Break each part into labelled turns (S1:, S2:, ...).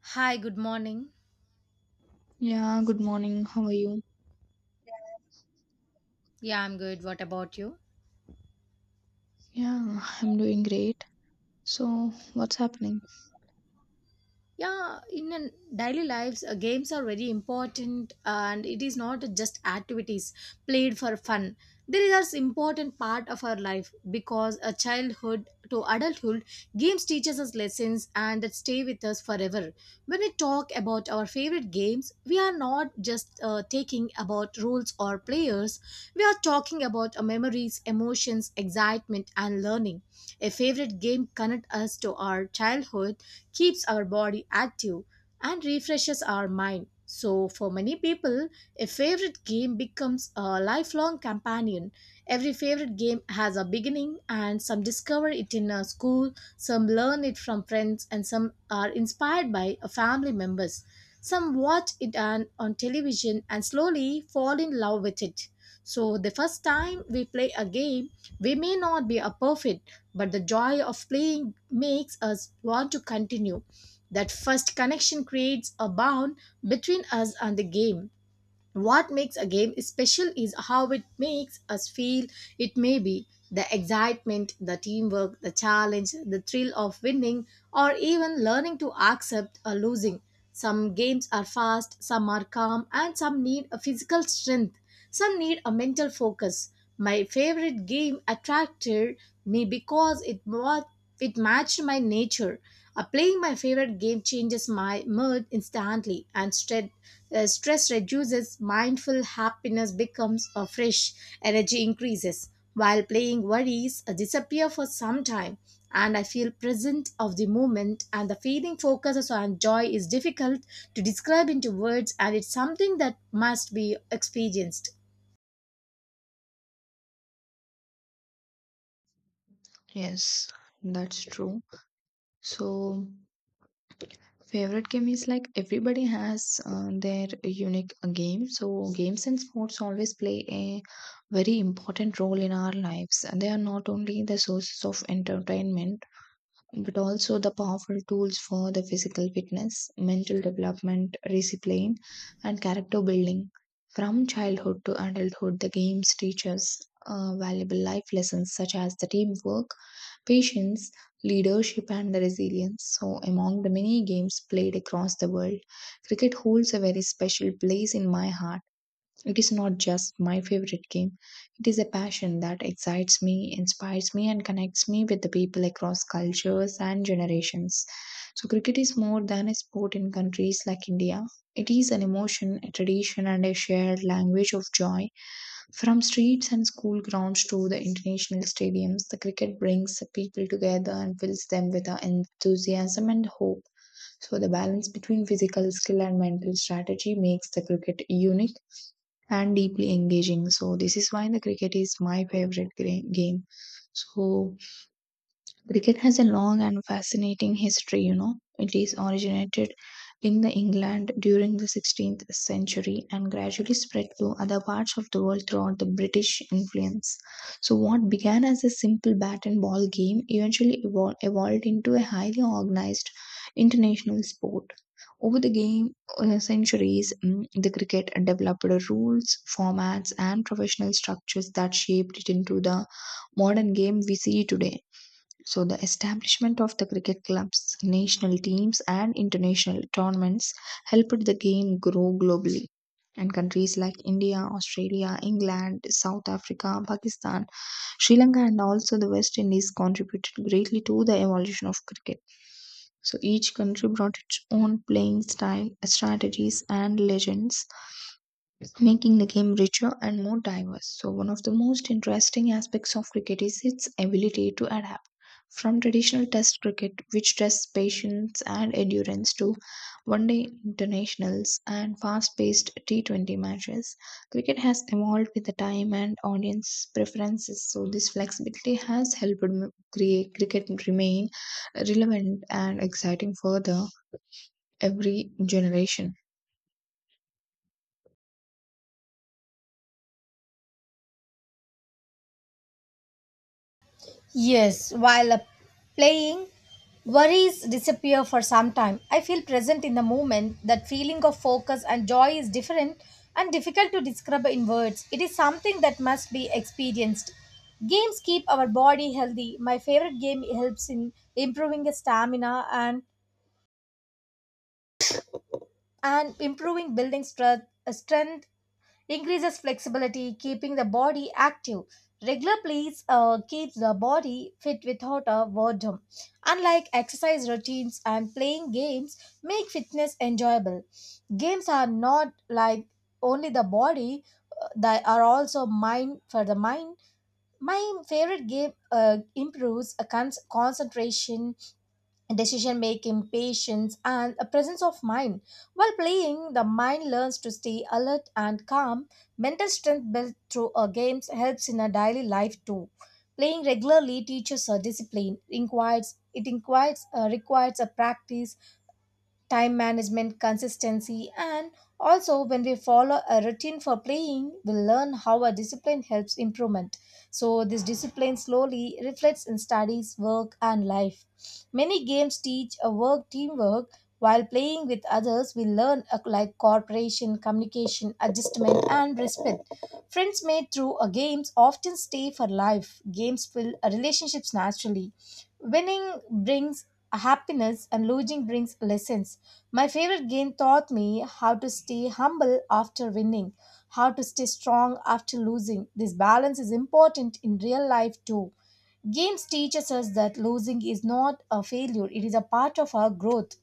S1: Hi, good morning.
S2: Yeah, good morning. How are you?
S1: Yeah, I'm good. What about you?
S2: Yeah, I'm doing great. So, what's happening?
S1: Yeah, in an daily lives games are very important, and it is not just activities played for fun. They are important part of our life because a childhood to adulthood games teaches us lessons and that stay with us forever. When we talk about our favorite games, we are not just taking about rules or players. We are talking about memories, emotions, excitement, and learning. A favorite game connect us to our childhood, keeps our body active, and refreshes our mind. So, for many people, a favorite game becomes a lifelong companion. Every favorite game has a beginning, and some discover it in a school, some learn it from friends, and some are inspired by family members. Some watch it on television and slowly fall in love with it. So, the first time we play a game, we may not be a perfect, but the joy of playing makes us want to continue. That first connection creates a bond between us and the game. What makes a game special is how it makes us feel. It may be the excitement, the teamwork, the challenge, the thrill of winning, or even learning to accept a losing. Some games are fast, some are calm, and some need a physical strength. Some need a mental focus. My favorite game attracted me because it matched my nature. Playing my favorite game changes my mood instantly, and stress reduces, mindful happiness becomes a fresh, energy increases. While playing, worries disappear for some time, and I feel present of the moment. And the feeling focuses on joy is difficult to describe into words, and it's something that must be experienced.
S2: Yes, that's true. So, favorite game is like everybody has their unique game. So, games and sports always play a very important role in our lives. They are not only the sources of entertainment, but also the powerful tools for the physical fitness, mental development, discipline, and character building. From childhood to adulthood, the games teach us valuable life lessons such as the teamwork, patience, leadership, and the resilience. So, among the many games played across the world, cricket holds a very special place in my heart. It is not just my favorite game. It is a passion that excites me, inspires me, and connects me with the people across cultures and generations. So, cricket is more than a sport in countries like India. It is an emotion, a tradition, and a shared language of joy. From streets and school grounds to the international stadiums, the cricket brings the people together and fills them with enthusiasm and hope. So, the balance between physical skill and mental strategy makes the cricket unique and deeply engaging. So this is why the cricket is my favorite game. So, Cricket has a long and fascinating history, you know. It is originated in the England during the 16th century and gradually spread to other parts of the world throughout the British influence. So what began as a simple bat and ball game evolved into a highly organized international sport. Over the game centuries, the cricket developed rules, formats, and professional structures that shaped it into the modern game we see today. So, the establishment of the cricket clubs, national teams, and international tournaments helped the game grow globally. And countries like India, Australia, England, South Africa, Pakistan, Sri Lanka, and also the West Indies contributed greatly to the evolution of cricket. So, each country brought its own playing style, strategies, and legends, making the game richer and more diverse. So, one of the most interesting aspects of cricket is its ability to adapt. From traditional test cricket, which tests patience and endurance, to one day internationals and fast paced T20 matches, cricket has evolved with the time and audience preferences. So, this flexibility has helped create cricket remain relevant and exciting for the every generation.
S1: Yes, while playing, worries disappear for some time. I feel present in the moment. That feeling of focus and joy is different and difficult to describe in words. It is something that must be experienced. Games keep our body healthy. My favorite game helps in improving the stamina and improving building strength, strength increases flexibility, keeping the body active. Regular plays keeps the body fit without a boredom. Unlike exercise routines and playing games, make fitness enjoyable. Games are not like only the body; they are also mind for the mind. My favorite game improves a concentration, decision making, patience, and a presence of mind. While playing, the mind learns to stay alert and calm. Mental strength built through a games helps in a daily life too. Playing regularly teaches a discipline. Requires it inquires requires a practice, time management, consistency, and also when we follow a routine for playing, we learn how a discipline helps improvement. So, this discipline slowly reflects in studies, work, and life. Many games teach a work teamwork. While playing with others, we learn like cooperation, communication, adjustment, and respect. Friends made through a games often stay for life. Games build relationships naturally. Winning brings happiness and losing brings lessons. My favorite game taught me how to stay humble after winning, how to stay strong after losing. This balance is important in real life too. Games teaches us that losing is not a failure, it is a part of our growth.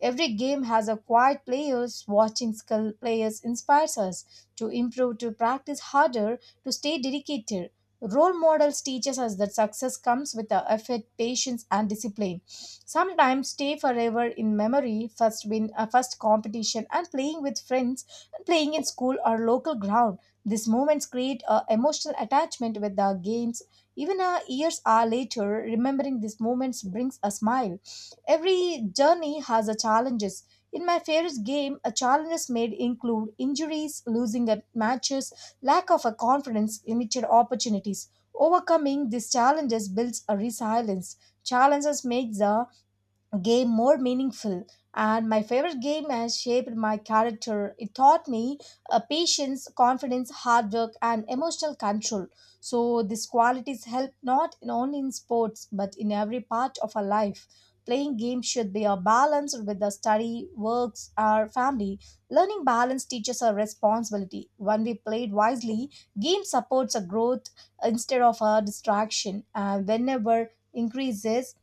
S1: Every game has a quiet players, watching skill players inspires us to improve, to practice harder, to stay dedicated. Role models teaches us that success comes with the effort, patience, and discipline. Sometimes stay forever in memory, first win a first competition, and playing with friends, and playing in school or local ground. These moments create a emotional attachment with the games. Even years are later, remembering these moments brings a smile. Every journey has a challenges. In my favorite game, a challenges made include injuries, losing at matches, lack of a confidence, limited opportunities. Overcoming these challenges builds a resilience. Challenges make the game more meaningful, and my favorite game has shaped my character. It taught me patience, confidence, hard work, and emotional control. So these qualities help not only in sports but in every part of our life. Playing games should be a balance with the study, works, or family. Learning balance teaches a responsibility. When we played wisely, game supports a growth instead of a distraction. And whenever increases,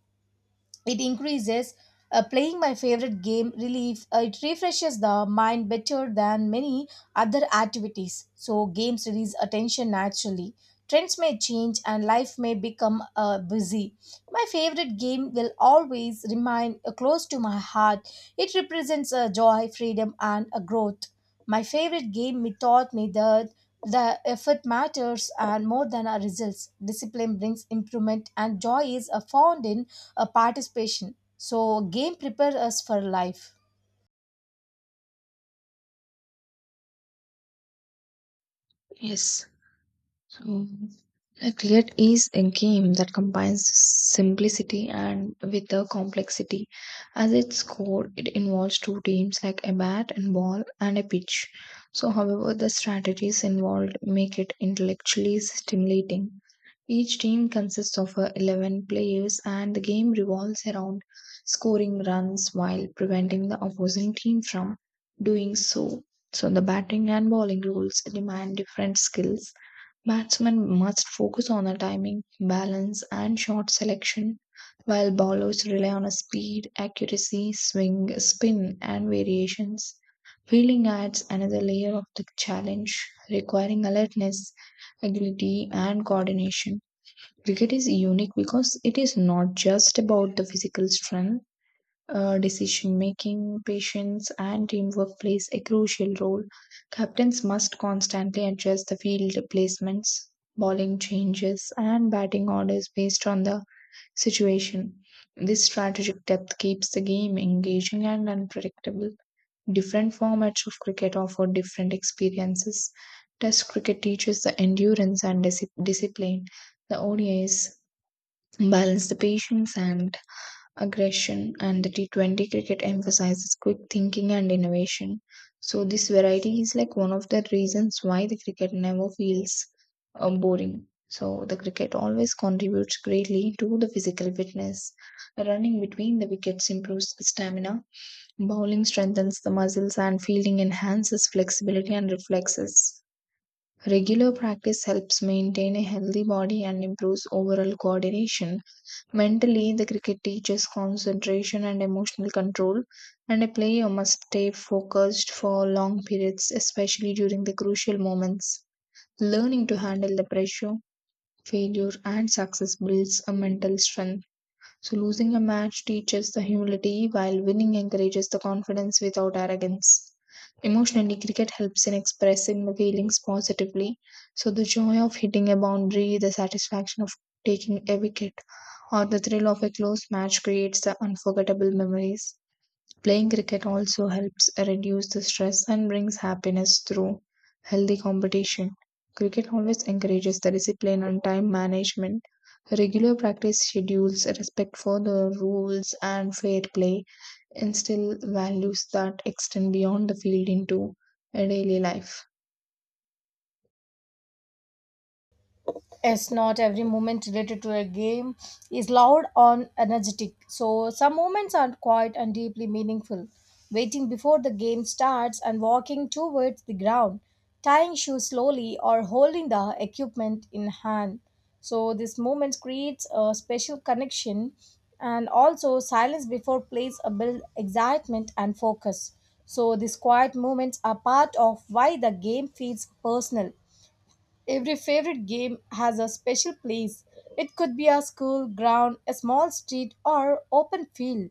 S1: it increases. Playing my favorite game relief it refreshes the mind better than many other activities. So games release attention naturally. Trends may change and life may become busy. My favorite game will always remain close to my heart. It represents joy, freedom, and growth. My favorite game me taught me that the effort matters and more than our results. Discipline brings improvement, and joy is found in participation. So, game prepares us for life.
S2: Yes. Um, Cleared is a game that combines simplicity and with the complexity. At its core, it involves two teams like a bat and ball and a pitch. So, however, the strategies involved make it intellectually stimulating. Each team consists of 11 players, and the game revolves around scoring runs while preventing the opposing team from doing so. So, the batting and bowling rules demand different skills. Batsmen must focus on the timing, balance, and shot selection, while bowlers rely on a speed, accuracy, swing, spin, and variations. Fielding adds another layer of the challenge, requiring alertness, agility, and coordination. Cricket is unique because it is not just about the physical strength. Decision making, patience, and teamwork plays a crucial role. Captains must constantly adjust the field placements, bowling changes, and batting orders based on the situation. This strategic depth keeps the game engaging and unpredictable. Different formats of cricket offer different experiences. Test cricket teaches the endurance and discipline. The ODIs balance the patience and aggression, and the T20 cricket emphasizes quick thinking and innovation. So, this variety is like one of the reasons why the cricket never feels boring. So, the cricket always contributes greatly to the physical fitness. Running between the wickets improves stamina, bowling strengthens the muscles, and fielding enhances flexibility and reflexes. Regular practice helps maintain a healthy body and improves overall coordination. Mentally, the cricket teaches concentration and emotional control, and a player must stay focused for long periods, especially during the crucial moments. Learning to handle the pressure, failure, and success builds a mental strength. So, losing a match teaches the humility, while winning encourages the confidence without arrogance. Emotionally, cricket helps in expressing the feelings positively. So, the joy of hitting a boundary, the satisfaction of taking a wicket, or the thrill of a close match creates the unforgettable memories. Playing cricket also helps reduce the stress and brings happiness through healthy competition. Cricket always encourages the discipline and time management. Regular practice schedules, respect for the rules, and fair play instill values that extend beyond the field into a daily life.
S1: It's not every moment related to a game is loud or energetic. So some moments are quiet and deeply meaningful. Waiting before the game starts and walking towards the ground, tying shoes slowly or holding the equipment in hand. So this moment creates a special connection, and also silence before plays a build excitement and focus. So these quiet moments are part of why the game feels personal. Every favorite game has a special place. It could be a school ground, a small street, or open field.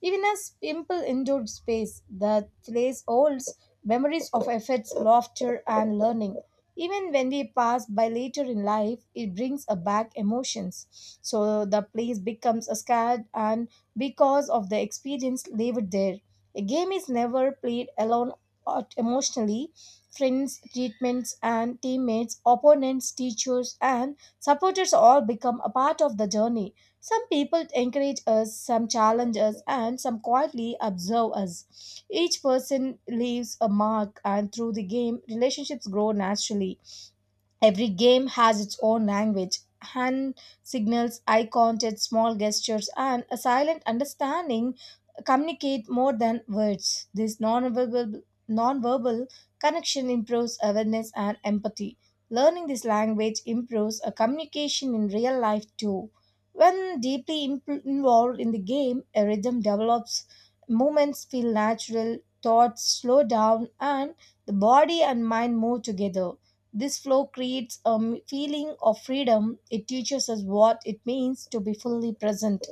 S1: Even a simple indoor space, the place holds memories of efforts, laughter, and learning. Even when we pass by later in life, it brings back emotions. So the place becomes scared, and because of the experience lived there, a game is never played alone or emotionally. Friends, treatments, and teammates, opponents, teachers, and supporters all become a part of the journey. Some people encourage us, some challenge us, and some quietly observe us. Each person leaves a mark, and through the game, relationships grow naturally. Every game has its own language, hand signals, eye contact, small gestures, and a silent understanding communicate more than words. This nonverbal connection improves awareness and empathy. Learning this language improves a communication in real life too. When deeply involved in the game, a rhythm develops, movements feel natural, thoughts slow down, and the body and mind move together. This flow creates a feeling of freedom. It teaches us what it means to be fully present.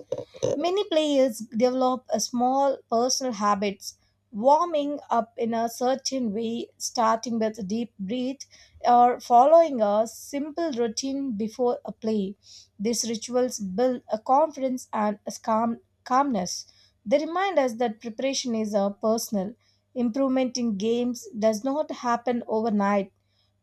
S1: Many players develop a small personal habits, warming up in a certain way, starting with a deep breath or following a simple routine before a play. These rituals build a confidence and a calmness. They remind us that preparation is a personal. Improvement in games does not happen overnight.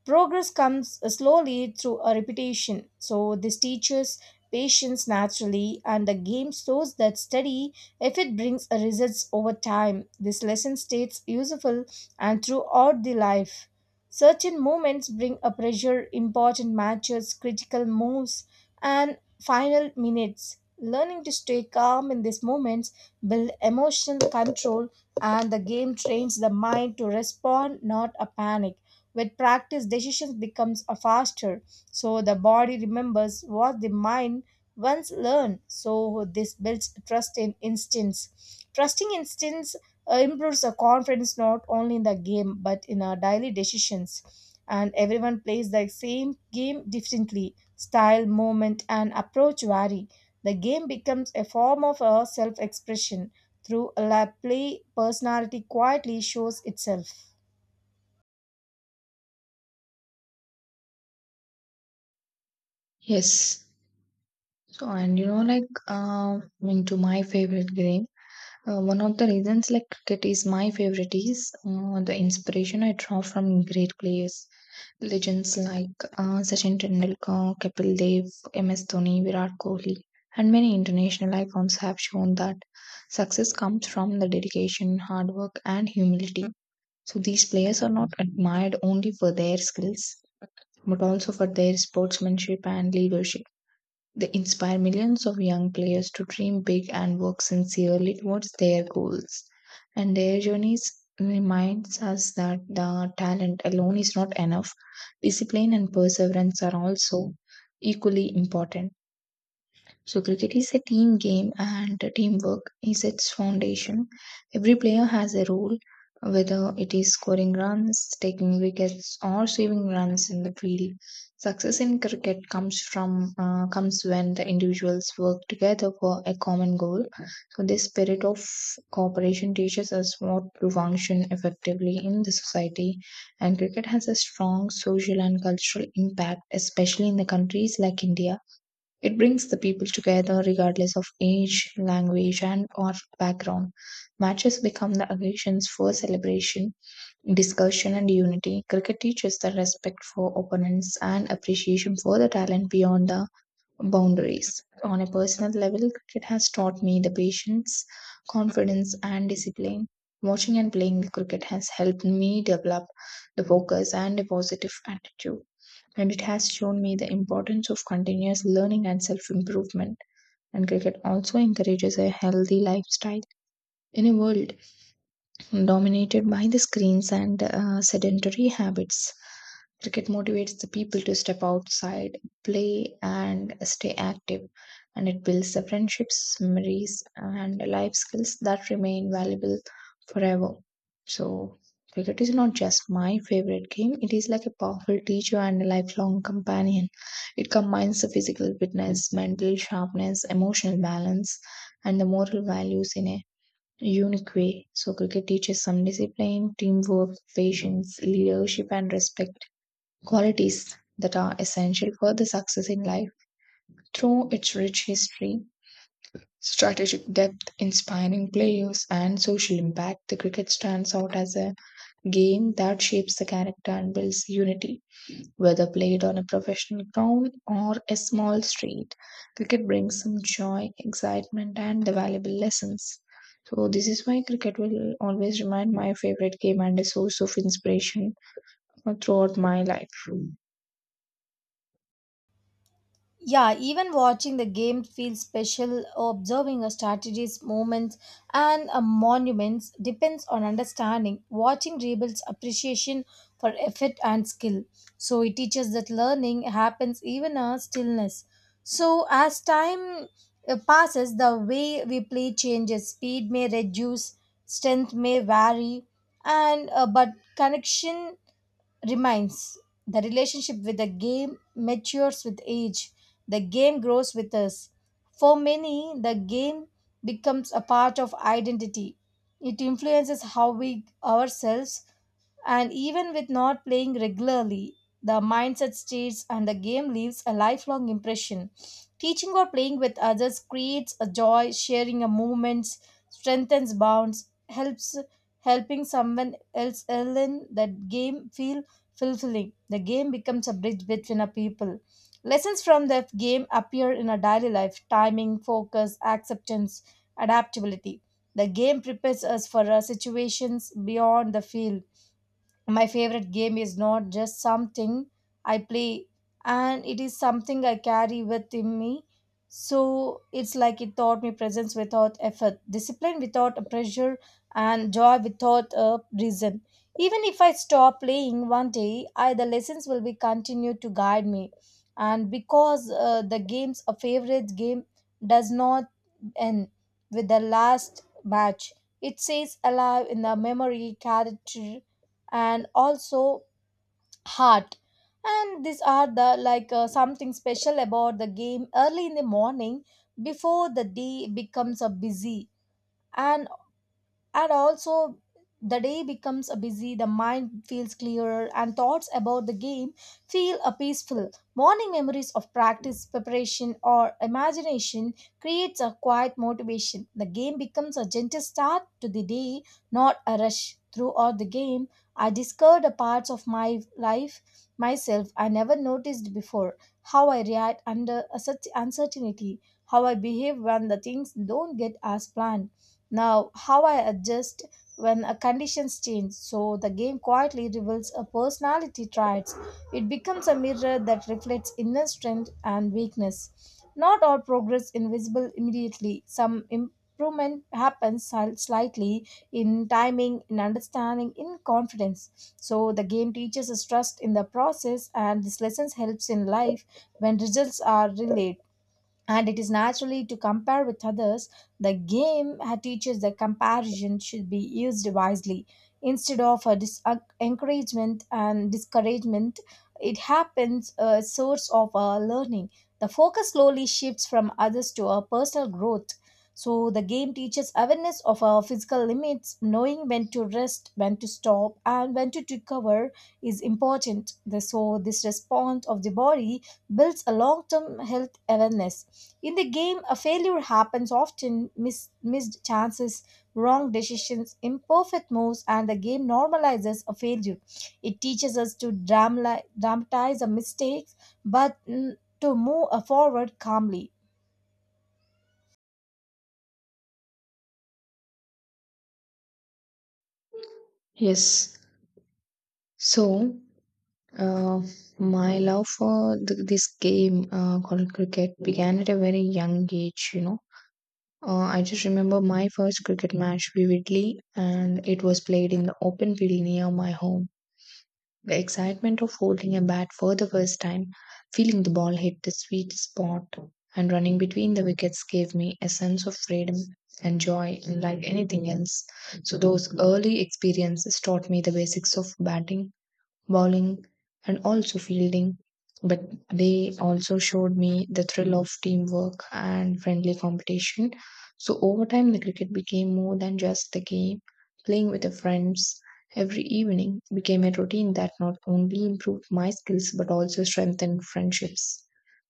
S1: Progress comes slowly through a repetition. So this teaches patience naturally, and the game shows that study, if it brings results over time. This lesson stays useful and throughout the life. Certain moments bring a pressure, important matches, critical moves, and final minutes. Learning to stay calm in these moments build emotional control, and the game trains the mind to respond, not a panic. With practice, decisions becomes a faster. So the body remembers what the mind once learned. So this builds trust in instincts. Trusting instincts improves the confidence not only in the game but in our daily decisions. And everyone plays the same game differently. Style, movement, and approach vary. The game becomes a form of a self expression. Through play, personality quietly shows itself.
S2: Yes. So, and you know, like, into my favorite game. One of the reasons like cricket is my favorite is the inspiration I draw from great players, legends like Sachin Tendulkar, Kapil Dev, MS Dhoni, Virat Kohli, and many international icons have shown that success comes from the dedication, hard work, and humility. So these players are not admired only for their skills, but also for their sportsmanship and leadership. They inspire millions of young players to dream big and work sincerely towards their goals. And their journeys reminds us that the talent alone is not enough. Discipline and perseverance are also equally important. So, cricket is a team game, and teamwork is its foundation. Every player has a role, whether it is scoring runs, taking wickets, or saving runs in the field. Success in cricket comes when the individuals work together for a common goal. So, this spirit of cooperation teaches us what to function effectively in the society. And cricket has a strong social and cultural impact, especially in the countries like India. It brings the people together regardless of age, language, and or background. Matches become the occasions for celebration, discussion, and unity. Cricket teaches the respect for opponents and appreciation for the talent beyond the boundaries. On a personal level, cricket has taught me the patience, confidence, and discipline. Watching and playing the cricket has helped me develop the focus and a positive attitude, and it has shown me the importance of continuous learning and self improvement. And cricket also encourages a healthy lifestyle in a world dominated by the screens and sedentary habits. Cricket motivates the people to step outside, play, and stay active, and it builds the friendships, memories, and life skills that remain valuable forever. So, cricket is not just my favorite game, it is like a powerful teacher and a lifelong companion. It combines the physical fitness, mental sharpness, emotional balance, and the moral values in a unique way. So, cricket teaches some discipline, teamwork, patience, leadership, and respect qualities that are essential for the success in life. Through its rich history, strategic depth, inspiring players, and social impact, the cricket stands out as a game that shapes the character and builds unity. Whether played on a professional ground or a small street, cricket brings some joy, excitement, and the valuable lessons. So, this is why cricket will always remain my favorite game and a source of inspiration throughout my life.
S1: Yeah, even watching the game feels special. Observing a strategy's movements and a monuments depends on understanding. Watching rebuilds appreciation for effort and skill. So it teaches that learning happens even a stillness. So as time passes, the way we play changes. Speed may reduce, strength may vary, and but connection remains. The relationship with the game matures with age. The game grows with us. For many, the game becomes a part of identity. It influences how we ourselves, and even with not playing regularly, the mindset stays and the game leaves a lifelong impression. Teaching or playing with others creates a joy, sharing a moment, strengthens bonds, helps helping someone else learn that game feel fulfilling. The game becomes a bridge between a people. Lessons from the game appear in our daily life timing, focus, acceptance, adaptability. The game prepares us for our situations beyond the field. My favorite game is not just something I play, and it is something I carry within me. So it's like it taught me presence without effort, discipline without a pressure, and joy without a reason. Even if I stop playing one day, I, the lessons will be continue to guide me. And because the game's a favorite game does not end with the last match, it stays alive in the memory, character, and also heart. And these are the like something special about the game early in the morning before the day becomes a busy, and and also the day becomes a busy, the mind feels clearer and thoughts about the game feel a peaceful morning. Memories of practice, preparation, or imagination creates a quiet motivation. The game becomes a gentle start to the day, not a rush. Throughout the game, I discovered a parts of my life myself I never noticed before. How I react under a such uncertainty, how I behave when the things don't get as planned, now, how I adjust when conditions change. So the game quietly reveals a personality traits. It becomes a mirror that reflects inner strength and weakness. Not all progress invisible immediately. Some improvement happens slightly in timing, in understanding, in confidence. So the game teaches us trust in the process, and this lessons helps in life when results are delayed. And it is naturally to compare with others. The game teaches that comparison should be used wisely. Instead of a encouragement and discouragement, it happens a source of learning. The focus slowly shifts from others to our personal growth. So the game teaches awareness of our physical limits, knowing when to rest, when to stop, and when to recover is important. So this response of the body builds a long term health awareness. In the game, a failure happens often. Missed chances, wrong decisions, imperfect moves, and the game normalizes a failure. It teaches us to dramatize a mistakes, but to move forward calmly.
S2: Yes. So, uh, my love for this game called cricket began at a very young age, you know. I just remember my first cricket match vividly, and it was played in the open field near my home. The excitement of holding a bat for the first time, feeling the ball hit the sweet spot, and running between the wickets gave me a sense of freedom and joy, unlike anything else. So, those early experiences taught me the basics of batting, bowling, and also fielding. But they also showed me the thrill of teamwork and friendly competition. So over time, the cricket became more than just the game. Playing with the friends every evening became a routine that not only improved my skills but also strengthened friendships.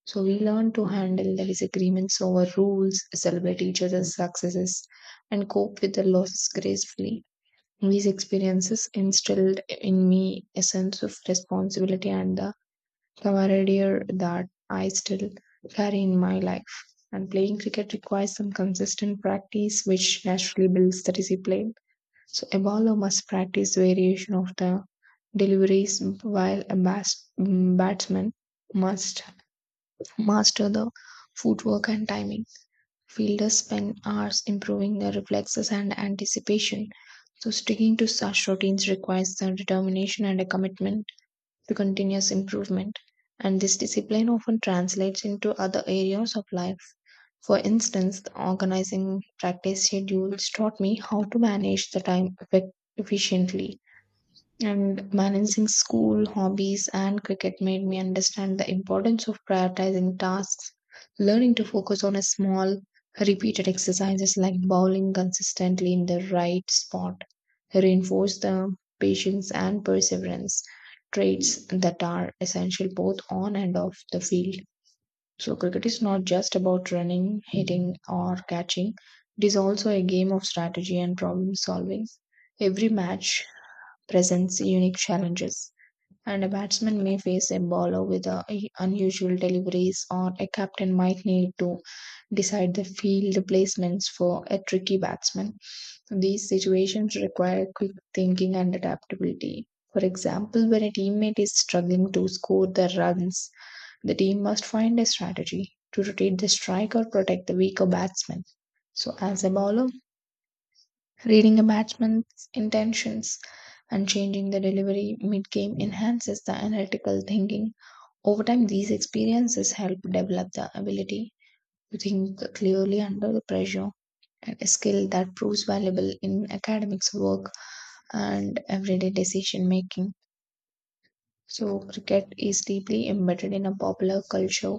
S2: So we learned to handle the disagreements over rules, celebrate each other's successes, and cope with the losses gracefully. These experiences instilled in me a sense of responsibility and the camaraderie that I still carry in my life. And playing cricket requires some consistent practice, which naturally builds the discipline. So a bowler must practice variation of the deliveries, while a batsman must master the footwork and timing. Fielders spend hours improving their reflexes and anticipation, so sticking to such routines requires the determination and a commitment to continuous improvement. And this discipline often translates into other areas of life. For instance, the organizing practice schedules taught me how to manage the time efficiently. And balancing school, hobbies, and cricket made me understand the importance of prioritizing tasks, learning to focus on a small, repeated exercises like bowling consistently in the right spot, reinforce the patience and perseverance traits that are essential both on and off the field. So, cricket is not just about running, hitting, or catching, it is also a game of strategy and problem solving. Every match presents unique challenges. And a batsman may face a bowler with unusual deliveries, or a captain might need to decide the field placements for a tricky batsman. These situations require quick thinking and adaptability. For example, when a teammate is struggling to score the runs, the team must find a strategy to rotate the strike or protect the weaker batsman. So, as a bowler, reading a batsman's intentions and changing the delivery mid game enhances the analytical thinking. Over time, these experiences help develop the ability to think clearly under the pressure and a skill that proves valuable in academics work and everyday decision making. So, cricket is deeply embedded in a popular culture.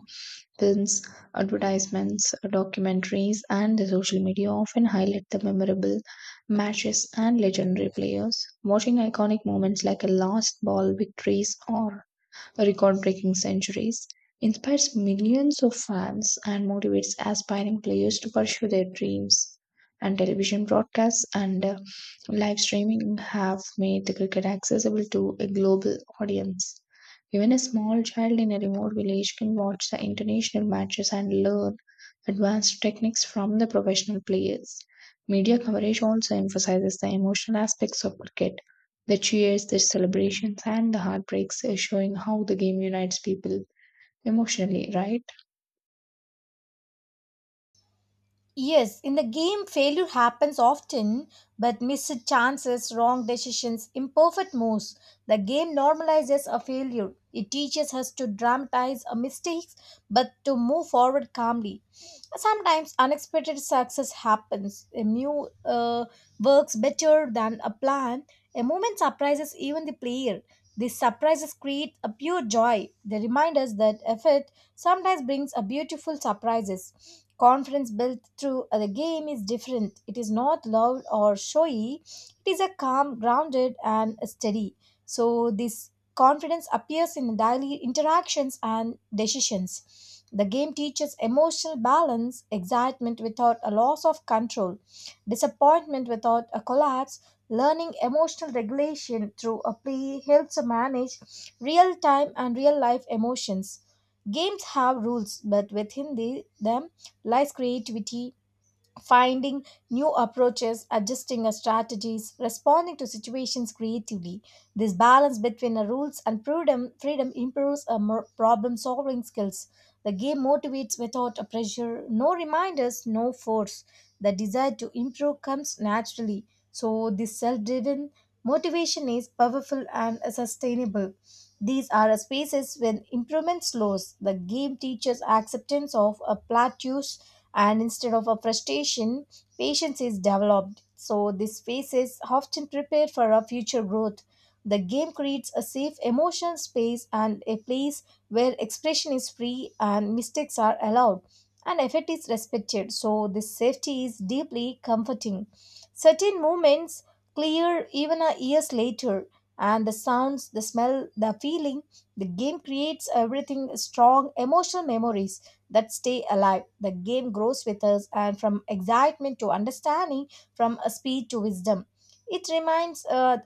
S2: Films, advertisements, documentaries, and the social media often highlight the memorable matches and legendary players. Watching iconic moments like a last ball victories or record breaking centuries, inspires millions of fans, and motivates aspiring players to pursue their dreams. And television broadcasts and live streaming have made the cricket accessible to a global audience. Even a small child in a remote village can watch the international matches and learn advanced techniques from the professional players. Media coverage also emphasizes the emotional aspects of cricket, the cheers, the celebrations, and the heartbreaks showing how the game unites people emotionally, right?
S1: Yes, in the game, failure happens often, but missed chances, wrong decisions, imperfect moves. The game normalizes a failure. It teaches us to dramatize our mistakes, but to move forward calmly. Sometimes unexpected success happens. A new works better than a plan. A moment surprises even the player. These surprises create a pure joy. They remind us that effort sometimes brings a beautiful surprises. Confidence built through the game is different. It is not loud or showy. It is a calm, grounded, and steady. So this confidence appears in daily interactions and decisions. The game teaches emotional balance, excitement without a loss of control, disappointment without a collapse. Learning emotional regulation through a play helps manage real time and real life emotions. Games have rules, but within them lies creativity, finding new approaches, adjusting our strategies, responding to situations creatively. This balance between our rules and freedom improves our problem-solving skills. The game motivates without a pressure, no reminders, no force. The desire to improve comes naturally. So this self-driven motivation is powerful and sustainable. These are spaces when improvement slows. The game teaches acceptance of a plateaus, and instead of a frustration, patience is developed. So this phase is often prepared for a future growth. The game creates a safe emotional space, and a place where expression is free and mistakes are allowed and effort is respected. So this safety is deeply comforting. Certain moments clear even a years later, and the sounds, the smell, the feeling, the game creates everything, strong emotional memories that stay alive. The game grows with us, and from excitement to understanding, from speed to wisdom. It remains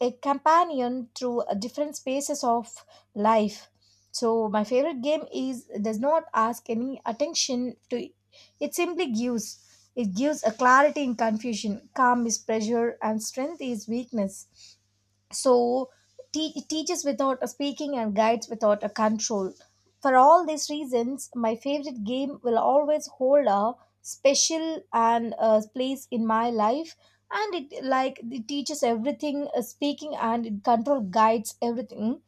S1: a companion through different spaces of life. So, my favorite game is does not ask any attention to it, it simply gives. It gives a clarity in confusion, calm is pressure, and strength is weakness. So it teaches without a speaking and guides without a control. For all these reasons my favorite game will always hold a special and place in my life. And it like it teaches everything speaking and it control guides everything.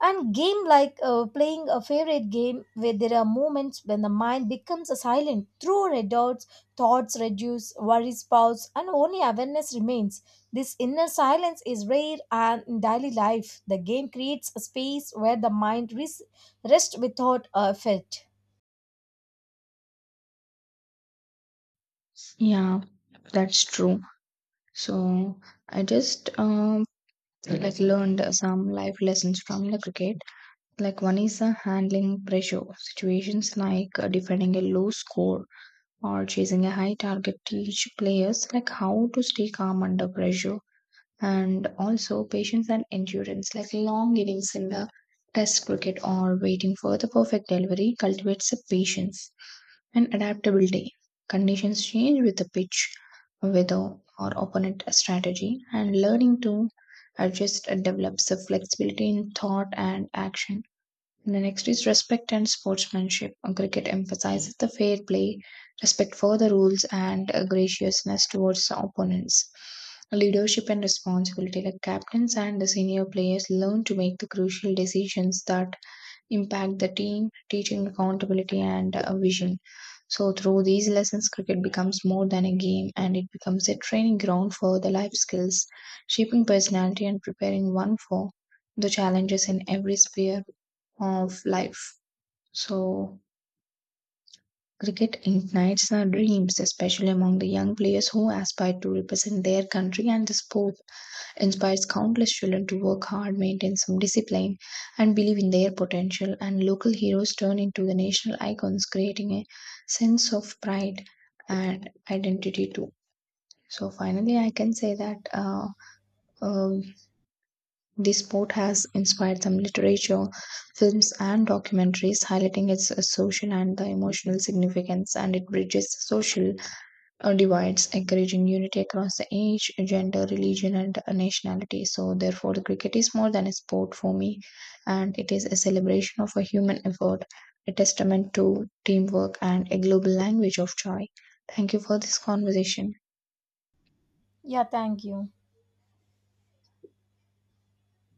S1: And game like playing a favorite game, where there are moments when the mind becomes silent, through red dots, thoughts reduce, worries pause, and only awareness remains. This inner silence is rare and in daily life. The game creates a space where the mind rests without effort.
S2: Yeah, that's true. So I just like learned some life lessons from the cricket. Like one is handling pressure situations, like defending a low score or chasing a high target. Teach players like how to stay calm under pressure and also patience and endurance, like long innings in the test cricket or waiting for the perfect delivery, cultivates the patience and adaptability. Conditions change with the pitch, weather, or opponent strategy, and learning to adjust develops the flexibility in thought and action. And the next is respect and sportsmanship. Cricket emphasizes the fair play, respect for the rules, and graciousness towards the opponents. Leadership and responsibility. The captains and the senior players learn to make the crucial decisions that impact the team, teaching accountability and vision. So, through these lessons, cricket becomes more than a game and it becomes a training ground for the life skills, shaping personality and preparing one for the challenges in every sphere of life. So, cricket ignites the dreams, especially among the young players who aspire to represent their country, and the sport inspires countless children to work hard, maintain some discipline, and believe in their potential. And local heroes turn into the national icons, creating a sense of pride and identity too. So, finally, I can say that. Uh, The sport has inspired some literature, films, and documentaries, highlighting its social and the emotional significance, and it bridges social divides, encouraging unity across the age, gender, religion, and nationality. So, therefore, the cricket is more than a sport for me, and it is a celebration of a human effort, a testament to teamwork, and a global language of joy. Thank you for this conversation.
S1: Yeah, thank you.